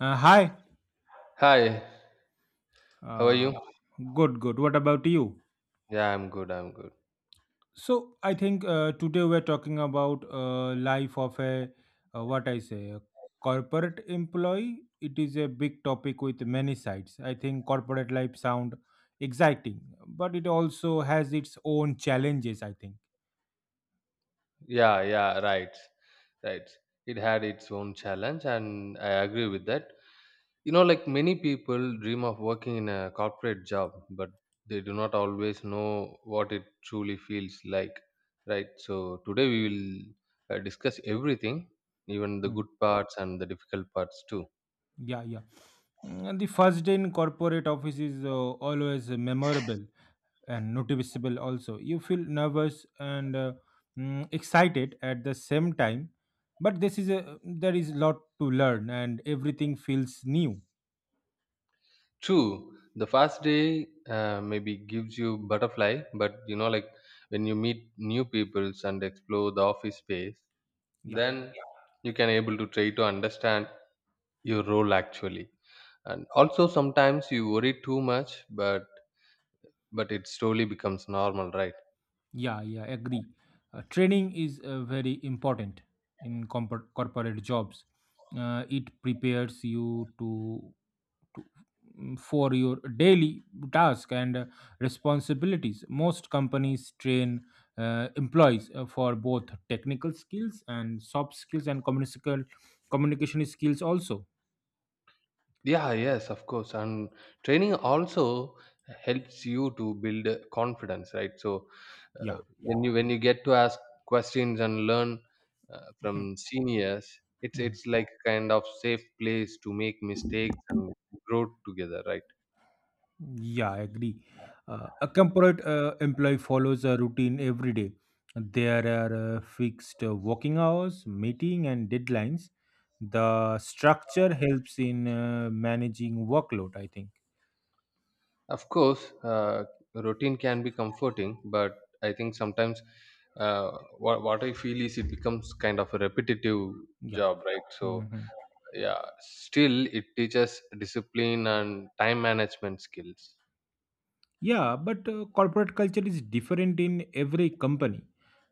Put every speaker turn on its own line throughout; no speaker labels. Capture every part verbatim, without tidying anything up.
Uh, hi.
Hi, how are
Uh,
you?
good, good. What about you?
Yeah, I'm good. I'm good.
So I think uh, today we're talking about uh, life of a uh, what I say a corporate employee. It is a big topic with many sides. I think corporate life sound exciting, but it also has its own challenges, I think.
Yeah, yeah, right, right. It had its own challenge, and I agree with that. You know, like many people dream of working in a corporate job, but they do not always know what it truly feels like, right? So, today we will uh, discuss everything, even the
Hmm.
good parts and the difficult parts too.
Yeah, yeah. Mm, The first day in corporate office is uh, always memorable and noticeable also. You feel nervous and uh, mm, excited at the same time, but this is a there is a lot to learn and everything feels new.
True, the first day uh, maybe gives you butterfly, but you know, like when you meet new peoples and explore the office space,
yeah
then you can able to try to understand your role actually. And also sometimes you worry too much, but but it slowly becomes normal, right?
yeah yeah agree. Uh, training is uh, very important in compor corporate jobs. Uh, it prepares you to mm, for your daily task and uh, responsibilities. Most companies train uh, employees uh, for both technical skills and soft skills and communicable communication skills also.
Yeah, yes, of course. And training also helps you to build uh, confidence, right? So, uh,
Yeah.
when, yeah, you when you get to ask questions and learn uh,
Mhm.
from seniors. it's
Mhm.
it's like kind of safe place to make mistakes and grow together, right?
Yeah, I agree. Uh, a corporate uh, employee follows a routine every day. There are uh, fixed uh, working hours, meeting, and deadlines. The structure helps in uh, managing workload, I think.
Of course, uh, routine can be comforting, but I think sometimes, uh, what what I feel is it becomes kind of a repetitive
Yeah.
job, right? So,
Mhm.
yeah, still it teaches discipline and time management skills.
Yeah, but uh, corporate culture is different in every company.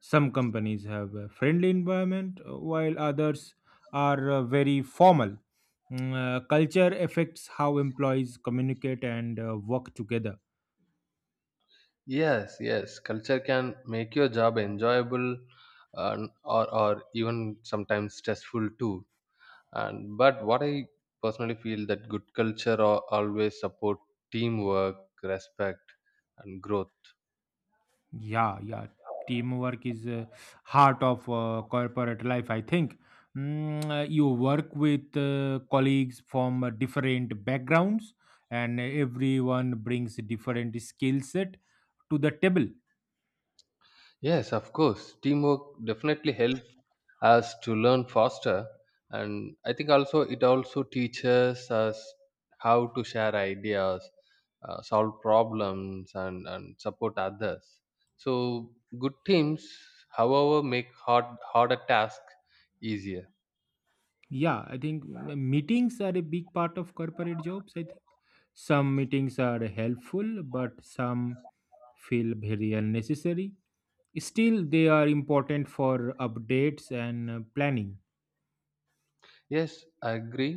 Some companies have a friendly environment, uh, while others are uh, very formal. Mm, uh, culture affects how employees communicate and uh, work together.
Yes, yes, culture can make your job enjoyable and, or or even sometimes stressful too. And but what I personally feel that good culture al- always support teamwork, respect, and growth.
Yeah, yeah. Teamwork is uh, heart of uh, corporate life, I think. Mm, uh, you work with uh, colleagues from uh, different backgrounds, and everyone brings different skill set to the table.
Yes, of course. Teamwork definitely helps us to learn faster. And I think also it also teaches us how to share ideas, uh, solve problems, and, and support others. So, good teams, however, make hard, harder tasks easier.
Yeah, I think m- meetings are a big part of corporate jobs. I think some meetings are helpful, but some feel very unnecessary. Still, they are important for updates and uh, planning.
Yes, I agree.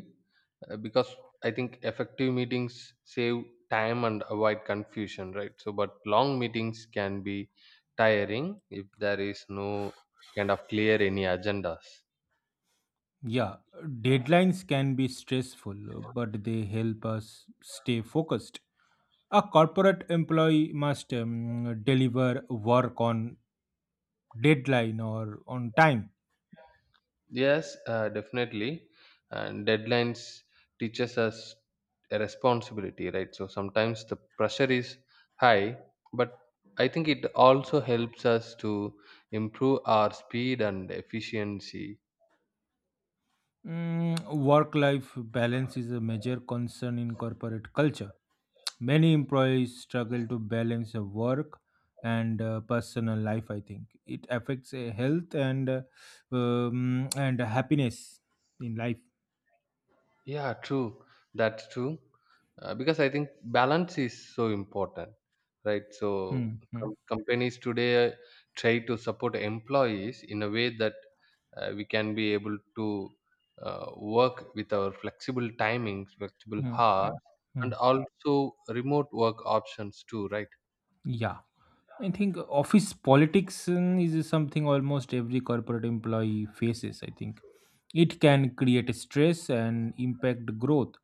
uh, Because I think effective meetings save time and avoid confusion, right? So, but long meetings can be tiring if there is no kind of clear any agendas.
Yeah, deadlines can be stressful, but they help us stay focused. A corporate employee must um, deliver work on deadline or on time.
Yes, uh, definitely. And deadlines teaches us a responsibility, right? So, sometimes the pressure is high, but I think it also helps us to improve our speed and efficiency.
Mm, work life balance is a major concern in corporate culture. Many employees struggle to balance uh, work and uh, personal life. I think it affects uh, health and uh, um, and happiness in life.
Yeah, true. That's true. Uh, because I think balance is so important, right? So,
Hmm, hmm,
com- companies today try to support employees in a way that, uh, we can be able to uh, work with our flexible timings, flexible
hmm,
hours,
hmm, hmm.
and also remote work options too, right?
Yeah, I think office politics um, is something almost every corporate employee faces. I think it can create stress and impact growth.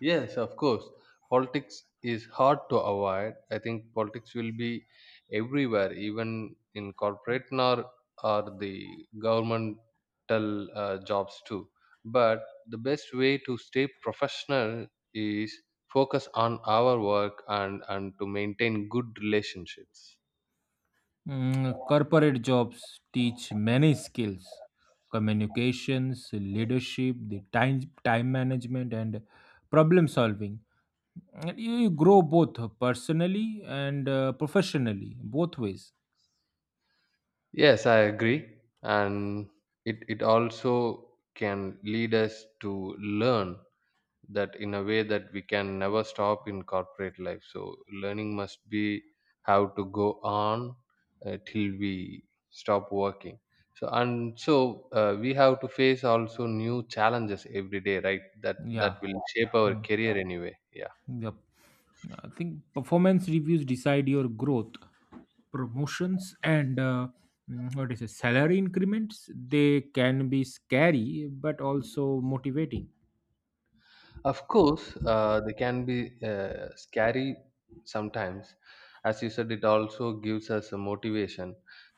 Yes, of course. Politics is hard to avoid. I think politics will be everywhere, even in corporate, nor or the governmental uh, jobs too. But the best way to stay professional is focus on our work and and to maintain good relationships.
Mm, corporate jobs teach many skills: communications, leadership, the time, time management, and problem solving. And You you grow both personally and uh, professionally, both ways.
Yes, I agree, and it it also can lead us to learn that in a way that we can never stop in corporate life. So, learning must be how to go on uh, till we stop working. So, and so, uh, we have to face also new challenges every day, right? That that
Yeah.
will shape our
Mm.
career anyway, yeah.
Yep. I think performance reviews decide your growth, promotions, and uh, mm, what is it, salary increments. They can be scary but also motivating.
Of course, uh, they can be uh, scary sometimes. As you said, it also gives us a motivation,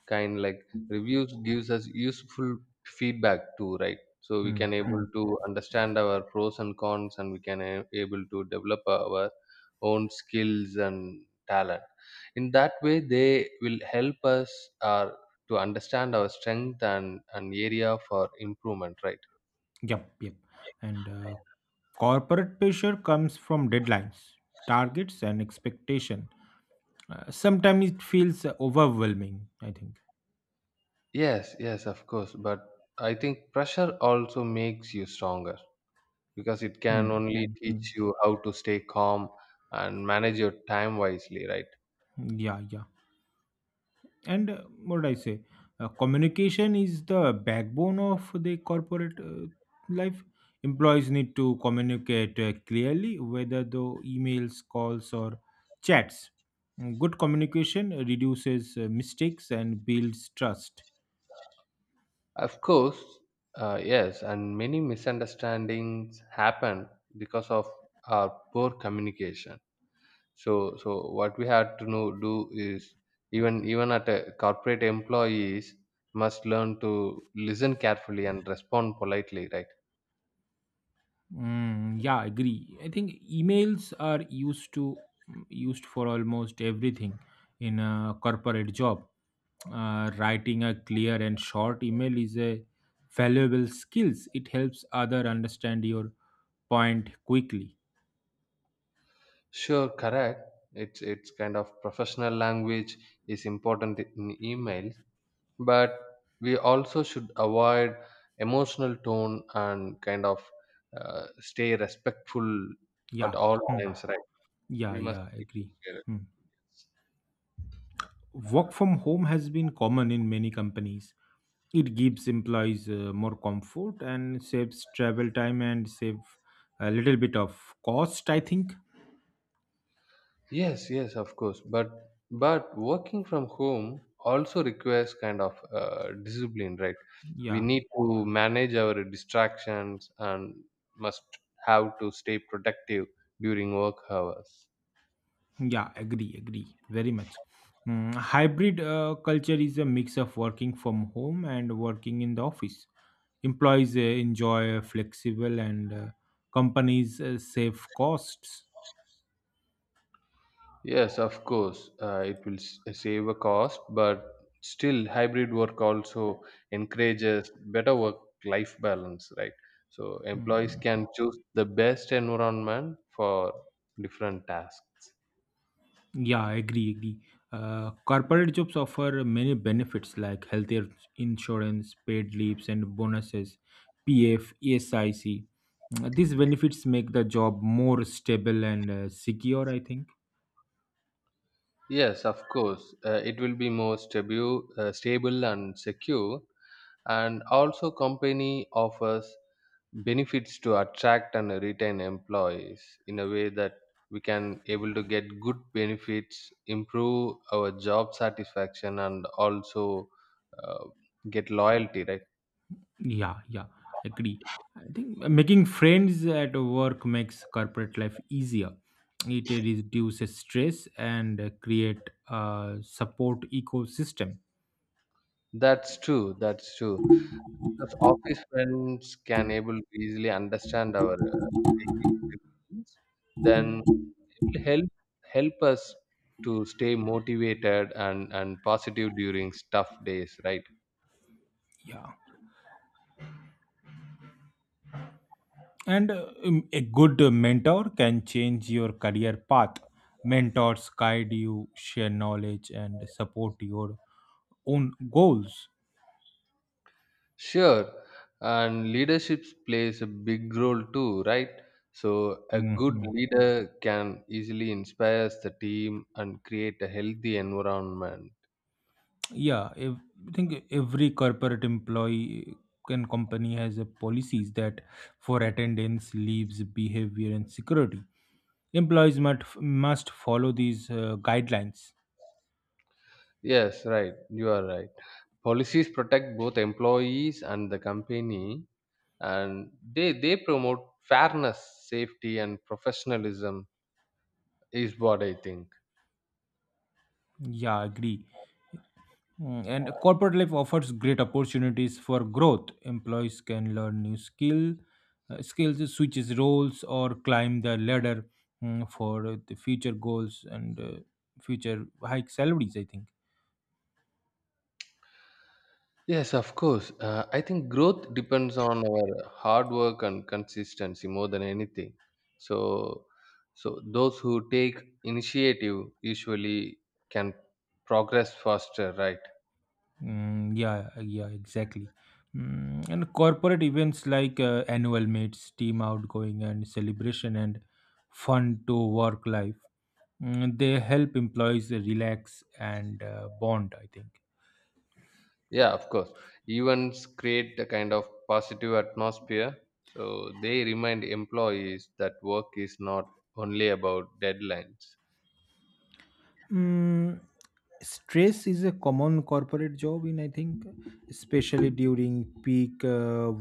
kind like reviews gives us useful feedback too, right? So we
Hmm.
can able
Mm.
to understand our pros and cons, and we can a- able to develop our own skills and talent. In that way, they will help us uh, to understand our strength and an area for improvement, right?
Yep, yep. And uh, corporate pressure comes from deadlines, targets, and expectation. Uh, sometimes it feels overwhelming, I think.
Yes, yes, of course. But I think pressure also makes you stronger because it can
Hmm,
only
hmm, hmm.
teach you how to stay calm and manage your time wisely, right?
Yeah, yeah. And uh, what did I say? Uh, communication is the backbone of the corporate uh, life. Employees need to communicate uh, clearly, whether through emails, calls, or chats. Mm, Good communication reduces uh, mistakes and builds trust.
Of course, uh, yes, and many misunderstandings happen because of our poor communication. So, so what we have to know, do is even even at a corporate employees must learn to listen carefully and respond politely, right?
Mm, yeah, Agree. I think emails are used to mm, used for almost everything in a corporate job. Uh, writing a clear and short email is a valuable skills. It helps other understand your point quickly.
Sure, correct. It's it's kind of professional language is important in emails, but we also should avoid emotional tone and kind of, uh, stay respectful at
Yeah.
all
Hmm.
times, right?
Yeah,
We must
yeah,
be to
agree.
share it.
Hmm. Work from home has been common in many companies. It gives employees uh, more comfort and saves travel time and save a little bit of cost, I think.
Yes, yes, of course. But but working from home also requires kind of, uh, discipline, right? We
Yeah,
need to manage our distractions and must have to stay productive during work hours.
yeah, agree, agree, very much. Mm, hybrid uh, culture is a mix of working from home and working in the office. Employees uh, enjoy flexible and uh, companies uh, save costs.
Yes, of course, uh, it will s- uh, save a cost, but still hybrid work also encourages better work-life balance, right? So employees
Mm,
can choose the best environment for different tasks.
yeah, Agree, agree. Uh, corporate jobs offer many benefits like healthcare insurance, paid leaves, and bonuses, P F, E S I C. Mm, These benefits make the job more stable and uh, secure, I think.
Yes, of course. Uh, it will be more stable, uh, stable and secure. And also, company offers benefits to attract and retain employees in a way that we can able to get good benefits, improve our job satisfaction, and also, uh, get loyalty. Right?
Yeah, yeah, agree. I think making friends at work makes corporate life easier. It reduces stress and create a support ecosystem.
That's true. That's true. Because office friends can able to easily understand our, uh, daily struggles, then will help help us to stay motivated and and positive during tough days, right?
Yeah. And uh, um, a good mentor can change your career path. Mentors guide you, share knowledge, and support your own goals.
Sure, and leadership plays a big role too, right? So a good
Mhm.
leader can easily inspire the team and create a healthy environment.
Yeah, ev- I think every corporate employee and company has a policies that for attendance, leaves, behavior, and security. Employees must must follow these uh, guidelines.
Yes, right, you are right. Policies protect both employees and the company, and they they promote fairness, safety, and professionalism is what I think.
Yeah, I agree. Mm, And corporate life offers great opportunities for growth. Employees can learn new skill, uh, skills, switches roles, or climb the ladder mm, for the future goals and uh, future high salaries, I think.
Yes, of course. Uh, I think growth depends on our hard work and consistency more than anything. So, so those who take initiative usually can progress faster, right?
Mm, yeah, yeah, exactly. Mm, and corporate events like uh, annual meets, team outgoing, and celebration and fun to work life. Mm, they help employees relax and uh, bond, I think.
Yeah, of course. Events create a kind of positive atmosphere. So they remind employees that work is not only about deadlines.
Mm, Stress is a common corporate job in I think, especially during peak uh,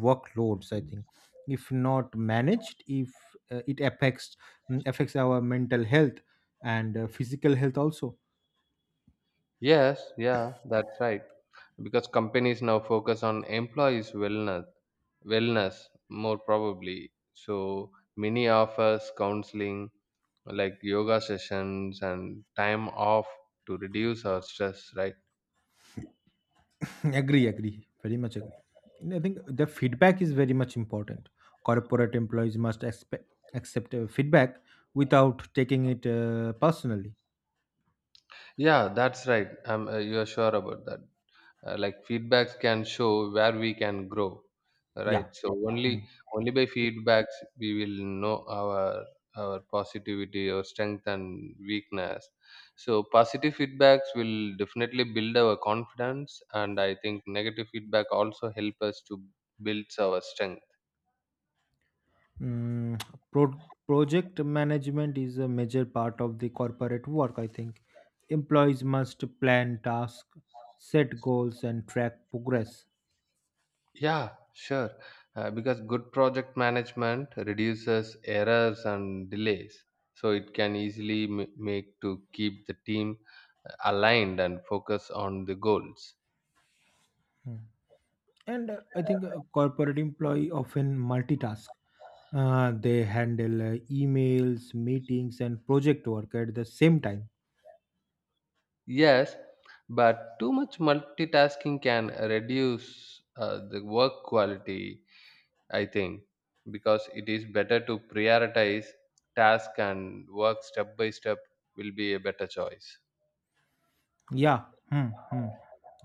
workloads, I think. If not managed if uh, it affects mm, affects our mental health and uh, physical health also.
Yes, yeah, that's right. Because companies now focus on employees' wellness wellness more probably. So many offers counseling like yoga sessions and time off to reduce our stress, right?
Agree, agree. Very much agree. And I think the feedback is very much important. Corporate employees must expect, accept uh, feedback without taking it uh, personally.
Yeah, that's right. I'm uh, you're sure about that. Uh, like, feedbacks can show where we can grow, right?
Yeah.
So only
Mm.
only by feedbacks we will know our our positivity or strength and weakness. So positive feedbacks will definitely build our confidence, and I think negative feedback also help us to build our strength.
Mm, pro- Project management is a major part of the corporate work, I think. Employees must plan tasks, set goals, and track progress.
Yeah, sure. Uh, because good project management reduces errors and delays. So it can easily m- make to keep the team uh, aligned and focus on the goals.
And uh, I think a corporate employee often multitask. Uh, they handle uh, emails, meetings, and project work at the same time.
Yes, but too much multitasking can reduce, uh, the work quality, I think, because it is better to prioritize task and work step by step will be a better choice.
Yeah. Hmm. Hmm.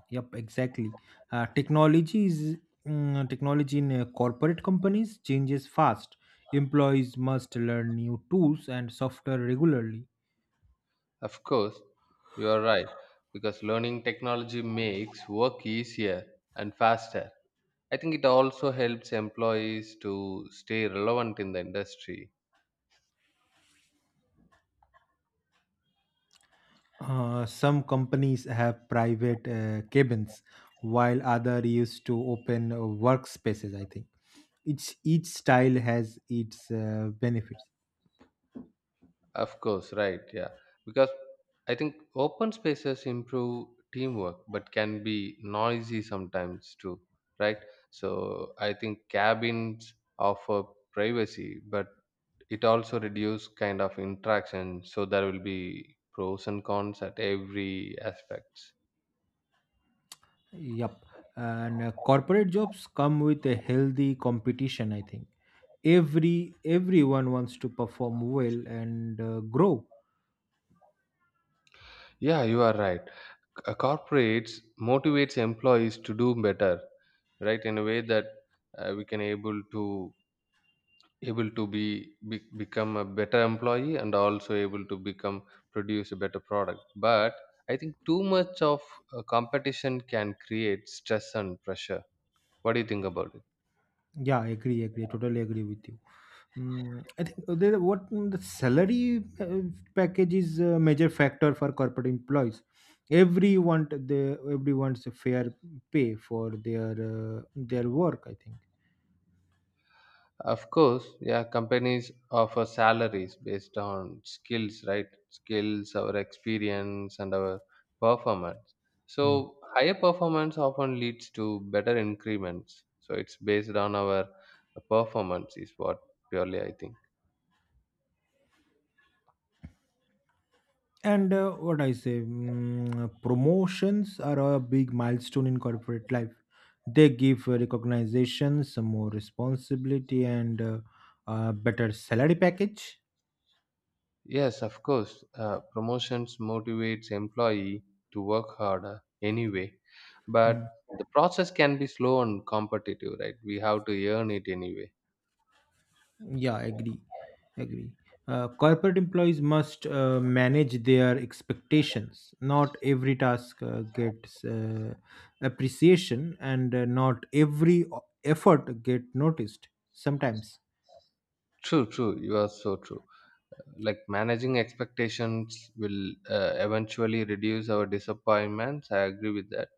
Yep. Exactly. Uh, technology is mm, Technology in uh, corporate companies changes fast. Employees must learn new tools and software regularly.
Of course, you are right because learning technology makes work easier and faster. I think it also helps employees to stay relevant in the industry.
Uh, some companies have private uh, cabins, while other used to open uh, workspaces, I think. It's each style has its uh, benefits.
Of course, right, yeah. Because I think open spaces improve teamwork but can be noisy sometimes too, right? So I think cabins offer privacy, but it also reduce kind of interaction. So there will be pros and cons at every aspects.
Yep. And uh, corporate jobs come with a healthy competition, I think. Every everyone wants to perform well and uh, grow.
Yeah, you are right. C- uh, corporates motivates employees to do better, right, in a way that, uh, we can able to able to be, be become a better employee and also able to become produce a better product. But I think too much of, uh, competition can create stress and pressure. What do you think about it?
Yeah, I agree, agree, totally agree with you. Mm, I think uh, there, what mm, the salary uh, package is a major factor for corporate employees. Everyone, the everyone's a fair pay for their uh, their work, I think.
Of course, yeah, companies offer salaries based on skills, right? Skills, our experience, and our performance.
Hmm.
So, higher performance often leads to better increments. So, it's based on our performance, is what purely I think.
And uh, what I say, mm, Promotions are a big milestone in corporate life. They give uh, recognition, some more responsibility, and uh, a better salary package.
Yes, of course, uh, promotions motivates employee to work harder anyway, but
Hmm.
the process can be slow and competitive, right? We have to earn it anyway.
Yeah, agree, agree. Uh, corporate employees must uh, manage their expectations. Not every task uh, gets uh, appreciation, and uh, not every o- effort get noticed sometimes.
True, true. You are so true. Like, managing expectations will, uh, eventually reduce our disappointments. I agree with that,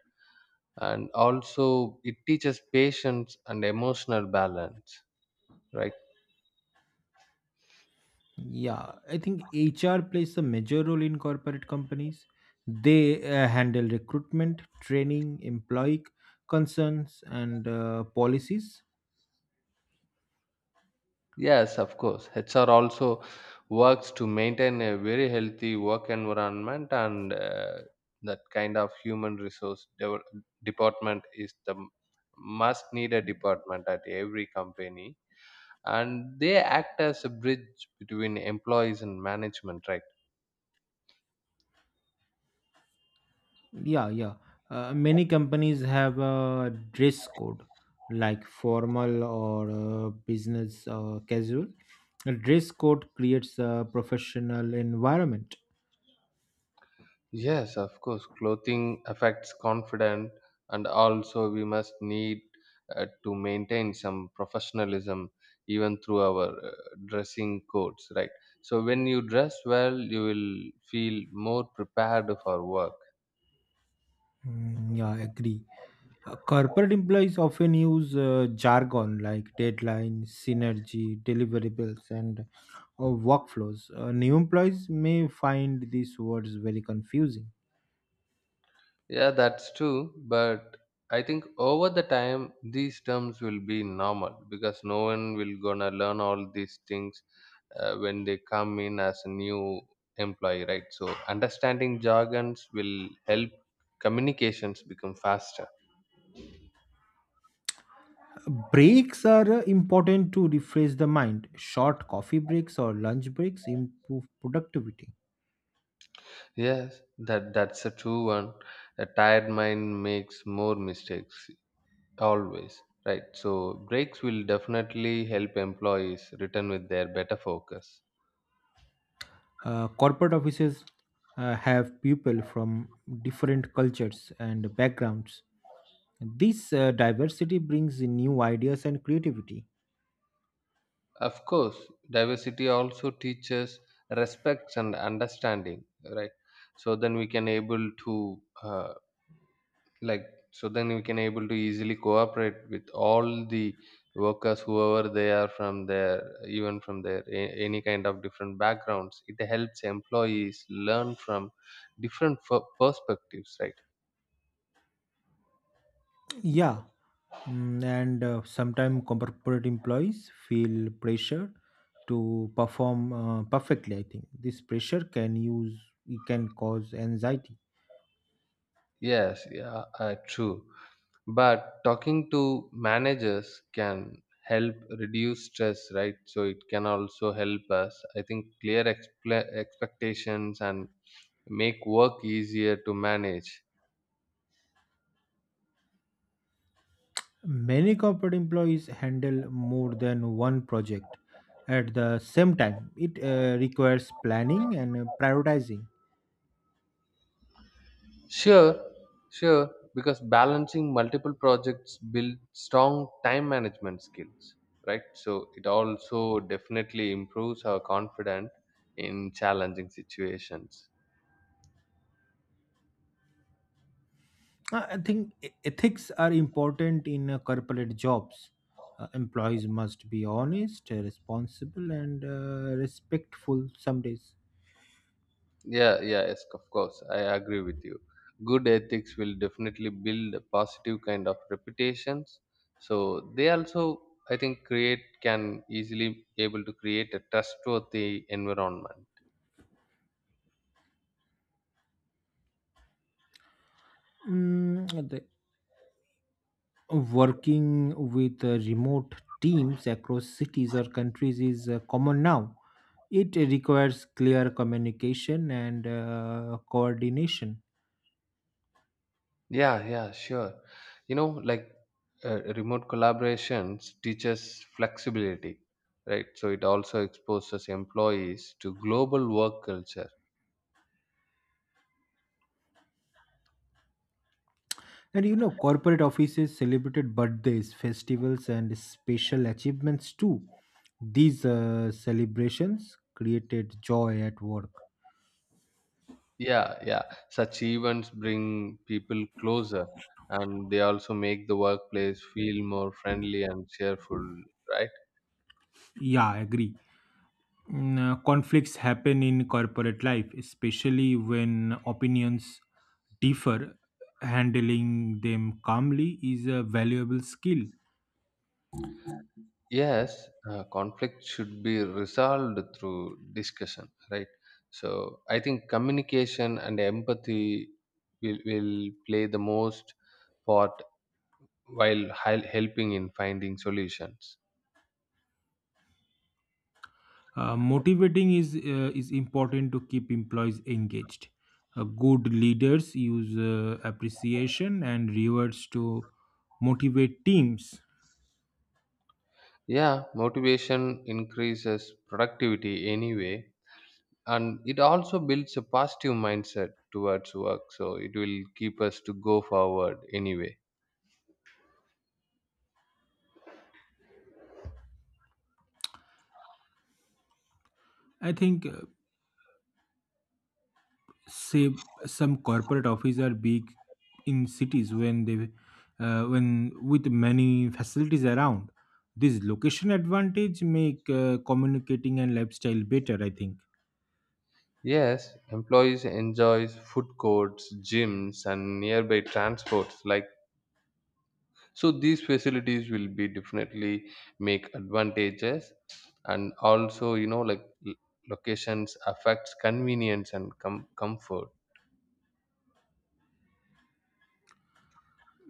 and also it teaches patience and emotional balance, right?
Yeah, I think H R plays a major role in corporate companies. They uh, handle recruitment, training, employee concerns, and uh, policies.
Yes, of course, H R also works to maintain a very healthy work environment, and, uh, that kind of human resource dev- department is the must need a department at every company, and they act as a bridge between employees and management, right?
Yeah, yeah. Uh, many companies have a dress code, like formal or uh, business uh, casual. A dress code creates a professional environment.
Yes, of course. Clothing affects confidence, and also we must need uh, to maintain some professionalism even through our, uh, dressing codes, right? So when you dress well, you will feel more prepared for work.
Mm, yeah, I agree. Uh, corporate employees often use uh, jargon like deadline, synergy, deliverables, and uh, workflows. Uh, new employees may find these words very confusing.
Yeah, that's true. But I think over the time, these terms will be normal because no one will gonna learn all these things, uh, when they come in as a new employee, right? So understanding jargons will help communications become faster.
Uh, Breaks are uh, important to refresh the mind. Short coffee breaks or lunch breaks improve productivity.
Yes, that that's a true one. A tired mind makes more mistakes always, right? So breaks will definitely help employees return with their better focus.
Uh, corporate offices uh, have people from different cultures and backgrounds. This uh, diversity brings in new ideas and creativity.
Of course, diversity also teaches respect and understanding, right? so then we can able to uh, like so then we can able to easily cooperate with all the workers, whoever they are, from their, even from their, a- any kind of different backgrounds. It helps employees learn from different f- perspectives, right?
Yeah, mm, and uh, sometimes corporate employees feel pressure to perform uh, perfectly. I think this pressure can use it can cause anxiety.
Yes, yeah, uh, true. But talking to managers can help reduce stress, right? So it can also help us, I think, clear expla expectations and make work easier to manage.
Many corporate employees handle more than one project at the same time. It uh, requires planning and uh, prioritizing.
Sure, sure, because balancing multiple projects build strong time management skills, right? So it also definitely improves our confidence in challenging situations.
Uh, I think e- ethics are important in uh, corporate jobs. Uh, employees must be honest, uh, responsible, and uh, respectful some days.
Yeah, yeah, yes, of course, I agree with you. Good ethics will definitely build a positive kind of reputations. So they also, I think, create can easily able to create a trustworthy environment.
Mm, the Working with uh, remote teams across cities or countries is uh, common now. It requires clear communication and uh, coordination.
Yeah, yeah, sure. You know, like uh, remote collaborations teaches flexibility, right? So it also exposes employees to global work culture.
And you know, corporate offices celebrated birthdays, festivals, and special achievements too. These uh, celebrations created joy at work.
Yeah, yeah. Such events bring people closer, and they also make the workplace feel more friendly and cheerful, right?
Yeah, I agree. Mm, uh, conflicts happen in corporate life, especially when opinions differ. Handling them calmly is a valuable skill.
Yes, uh, conflict should be resolved through discussion, right? So I think communication and empathy will, will play the most part while hel- helping in finding solutions.
Uh, motivating is uh, is important to keep employees engaged. Uh, good leaders use uh, appreciation and rewards to motivate teams.
Yeah, motivation increases productivity anyway, and it also builds a positive mindset towards work. So it will keep us to go forward anyway.
I think uh, say some corporate offices are big in cities when they uh, when with many facilities around. This location advantage make uh, communicating and lifestyle better, I think.
Yes, employees enjoys food courts, gyms, and nearby transports. Like so, these facilities will be definitely make advantages, and also you know like l- locations affects convenience and com- comfort.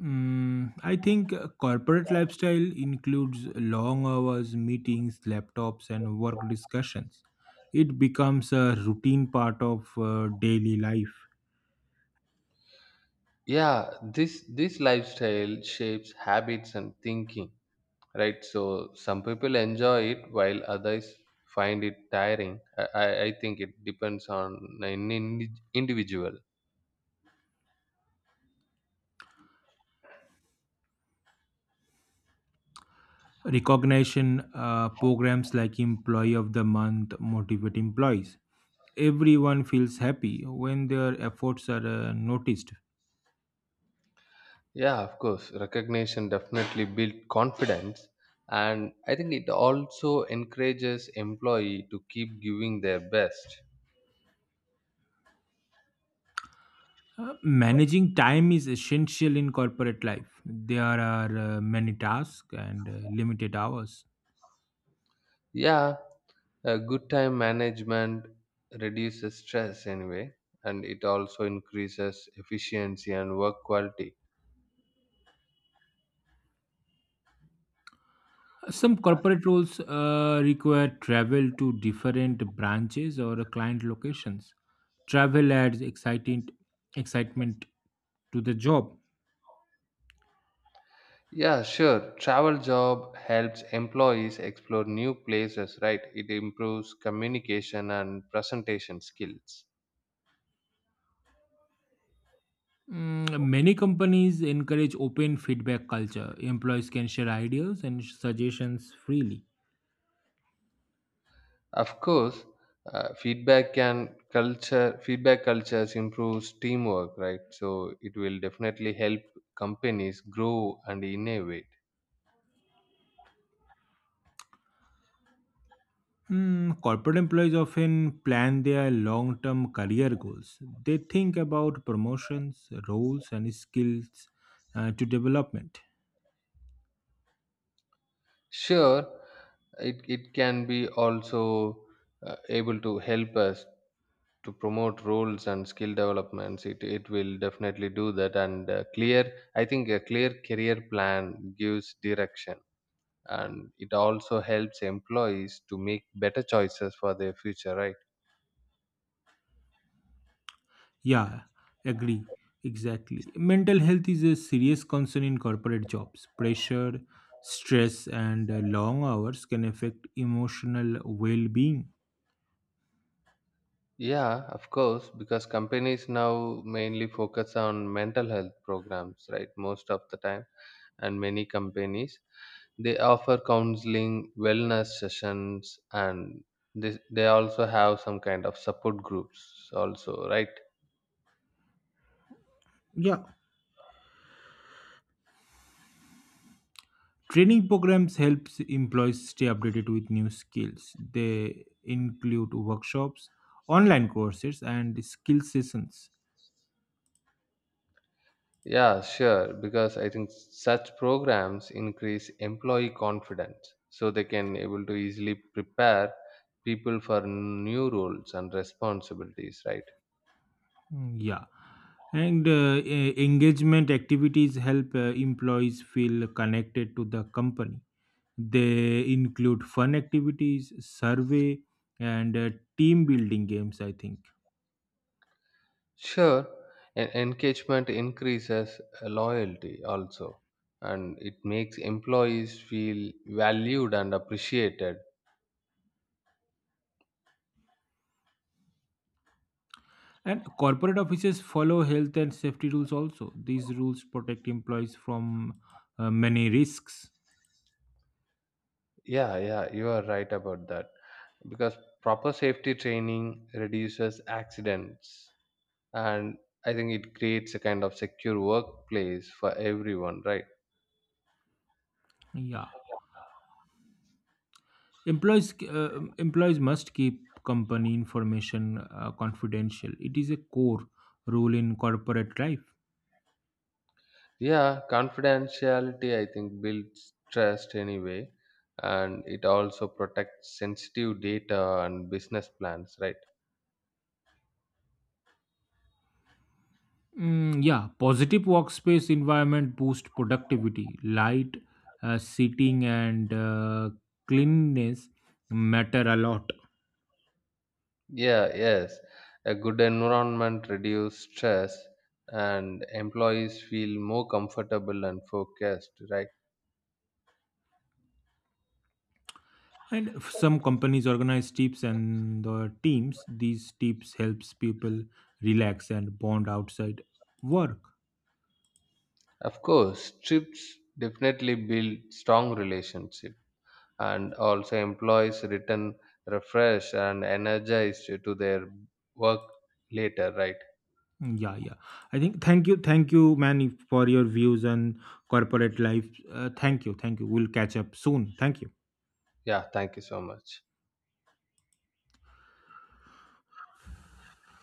Mm, I think uh, corporate lifestyle includes long hours, meetings, laptops, and work discussions. It becomes a routine part of uh, daily life.
Yeah, this this lifestyle shapes habits and thinking, right? So some people enjoy it while others find it tiring. I I, I think it depends on an indi- individual.
Recognition uh, programs like employee of the month motivate employees. Everyone feels happy when their efforts are uh, noticed.
Yeah, of course. Recognition definitely builds confidence. And I think it also encourages employee to keep giving their best.
Uh, Managing time is essential in corporate life. There are uh, many tasks and uh, limited hours.
Yeah, a good time management reduces stress anyway, and it also increases efficiency and work quality.
Some corporate roles uh, require travel to different branches or client locations. Travel adds exciting excitement to the job.
Yeah, sure. Travel job helps employees explore new places, right? It improves communication and presentation skills.
Mm, Many companies encourage open feedback culture. Employees can share ideas and suggestions freely.
Of course, uh, feedback can culture feedback cultures improves teamwork, right? So it will definitely help companies grow and innovate.
Mm, corporate employees often plan their long term career goals. They think about promotions, roles, and skills uh, to development.
Sure, it, it can be also, uh, able to help us to promote roles and skill developments. It, it will definitely do that. And uh, clear I think a clear career plan gives direction, and it also helps employees to make better choices for their future, right?
Yeah, agree. Exactly. Mental health is a serious concern in corporate jobs. Pressure, stress, and uh, long hours can affect emotional well being.
Yeah, of course, because companies now mainly focus on mental health programs, right? Most of the time, and many companies they offer counseling, wellness sessions, and they they also have some kind of support groups, also, right?
Yeah, training programs helps employees stay updated with new skills. They include workshops, online courses, and skill sessions.
Yeah, sure, because I think such programs increase employee confidence, so they can able to easily prepare people for new roles and responsibilities, right?
Mm, Yeah, and uh, e- engagement activities help uh, employees feel connected to the company. They include fun activities, survey, and uh, team building games, I think.
Sure, en- engagement increases, uh, loyalty also, and it makes employees feel valued and appreciated.
And corporate offices follow health and safety rules also. These rules protect employees from uh, many risks.
Yeah, yeah, you are right about that. Because proper safety training reduces accidents, and I think it creates a kind of secure workplace for everyone, right?
Yeah, employees uh, employees must keep company information uh, confidential. It is a core rule in corporate life.
Yeah, confidentiality, I think, builds trust anyway, and it also protects sensitive data and business plans, right?
Mm, yeah, Positive workspace environment boost productivity. Light uh, seating and uh, cleanliness matter a lot.
Yeah, yes. A good environment reduces stress, and employees feel more comfortable and focused, right?
And if some companies organize tips and the teams. These tips helps people relax and bond outside work.
Of course, trips definitely build strong relationship, and also employees return refreshed and energized to their work later, right?
Yeah, yeah. I think thank you, thank you, man, for your views on corporate life. Uh, thank you, thank you. We'll catch up soon. Thank you.
Yeah, thank you so much.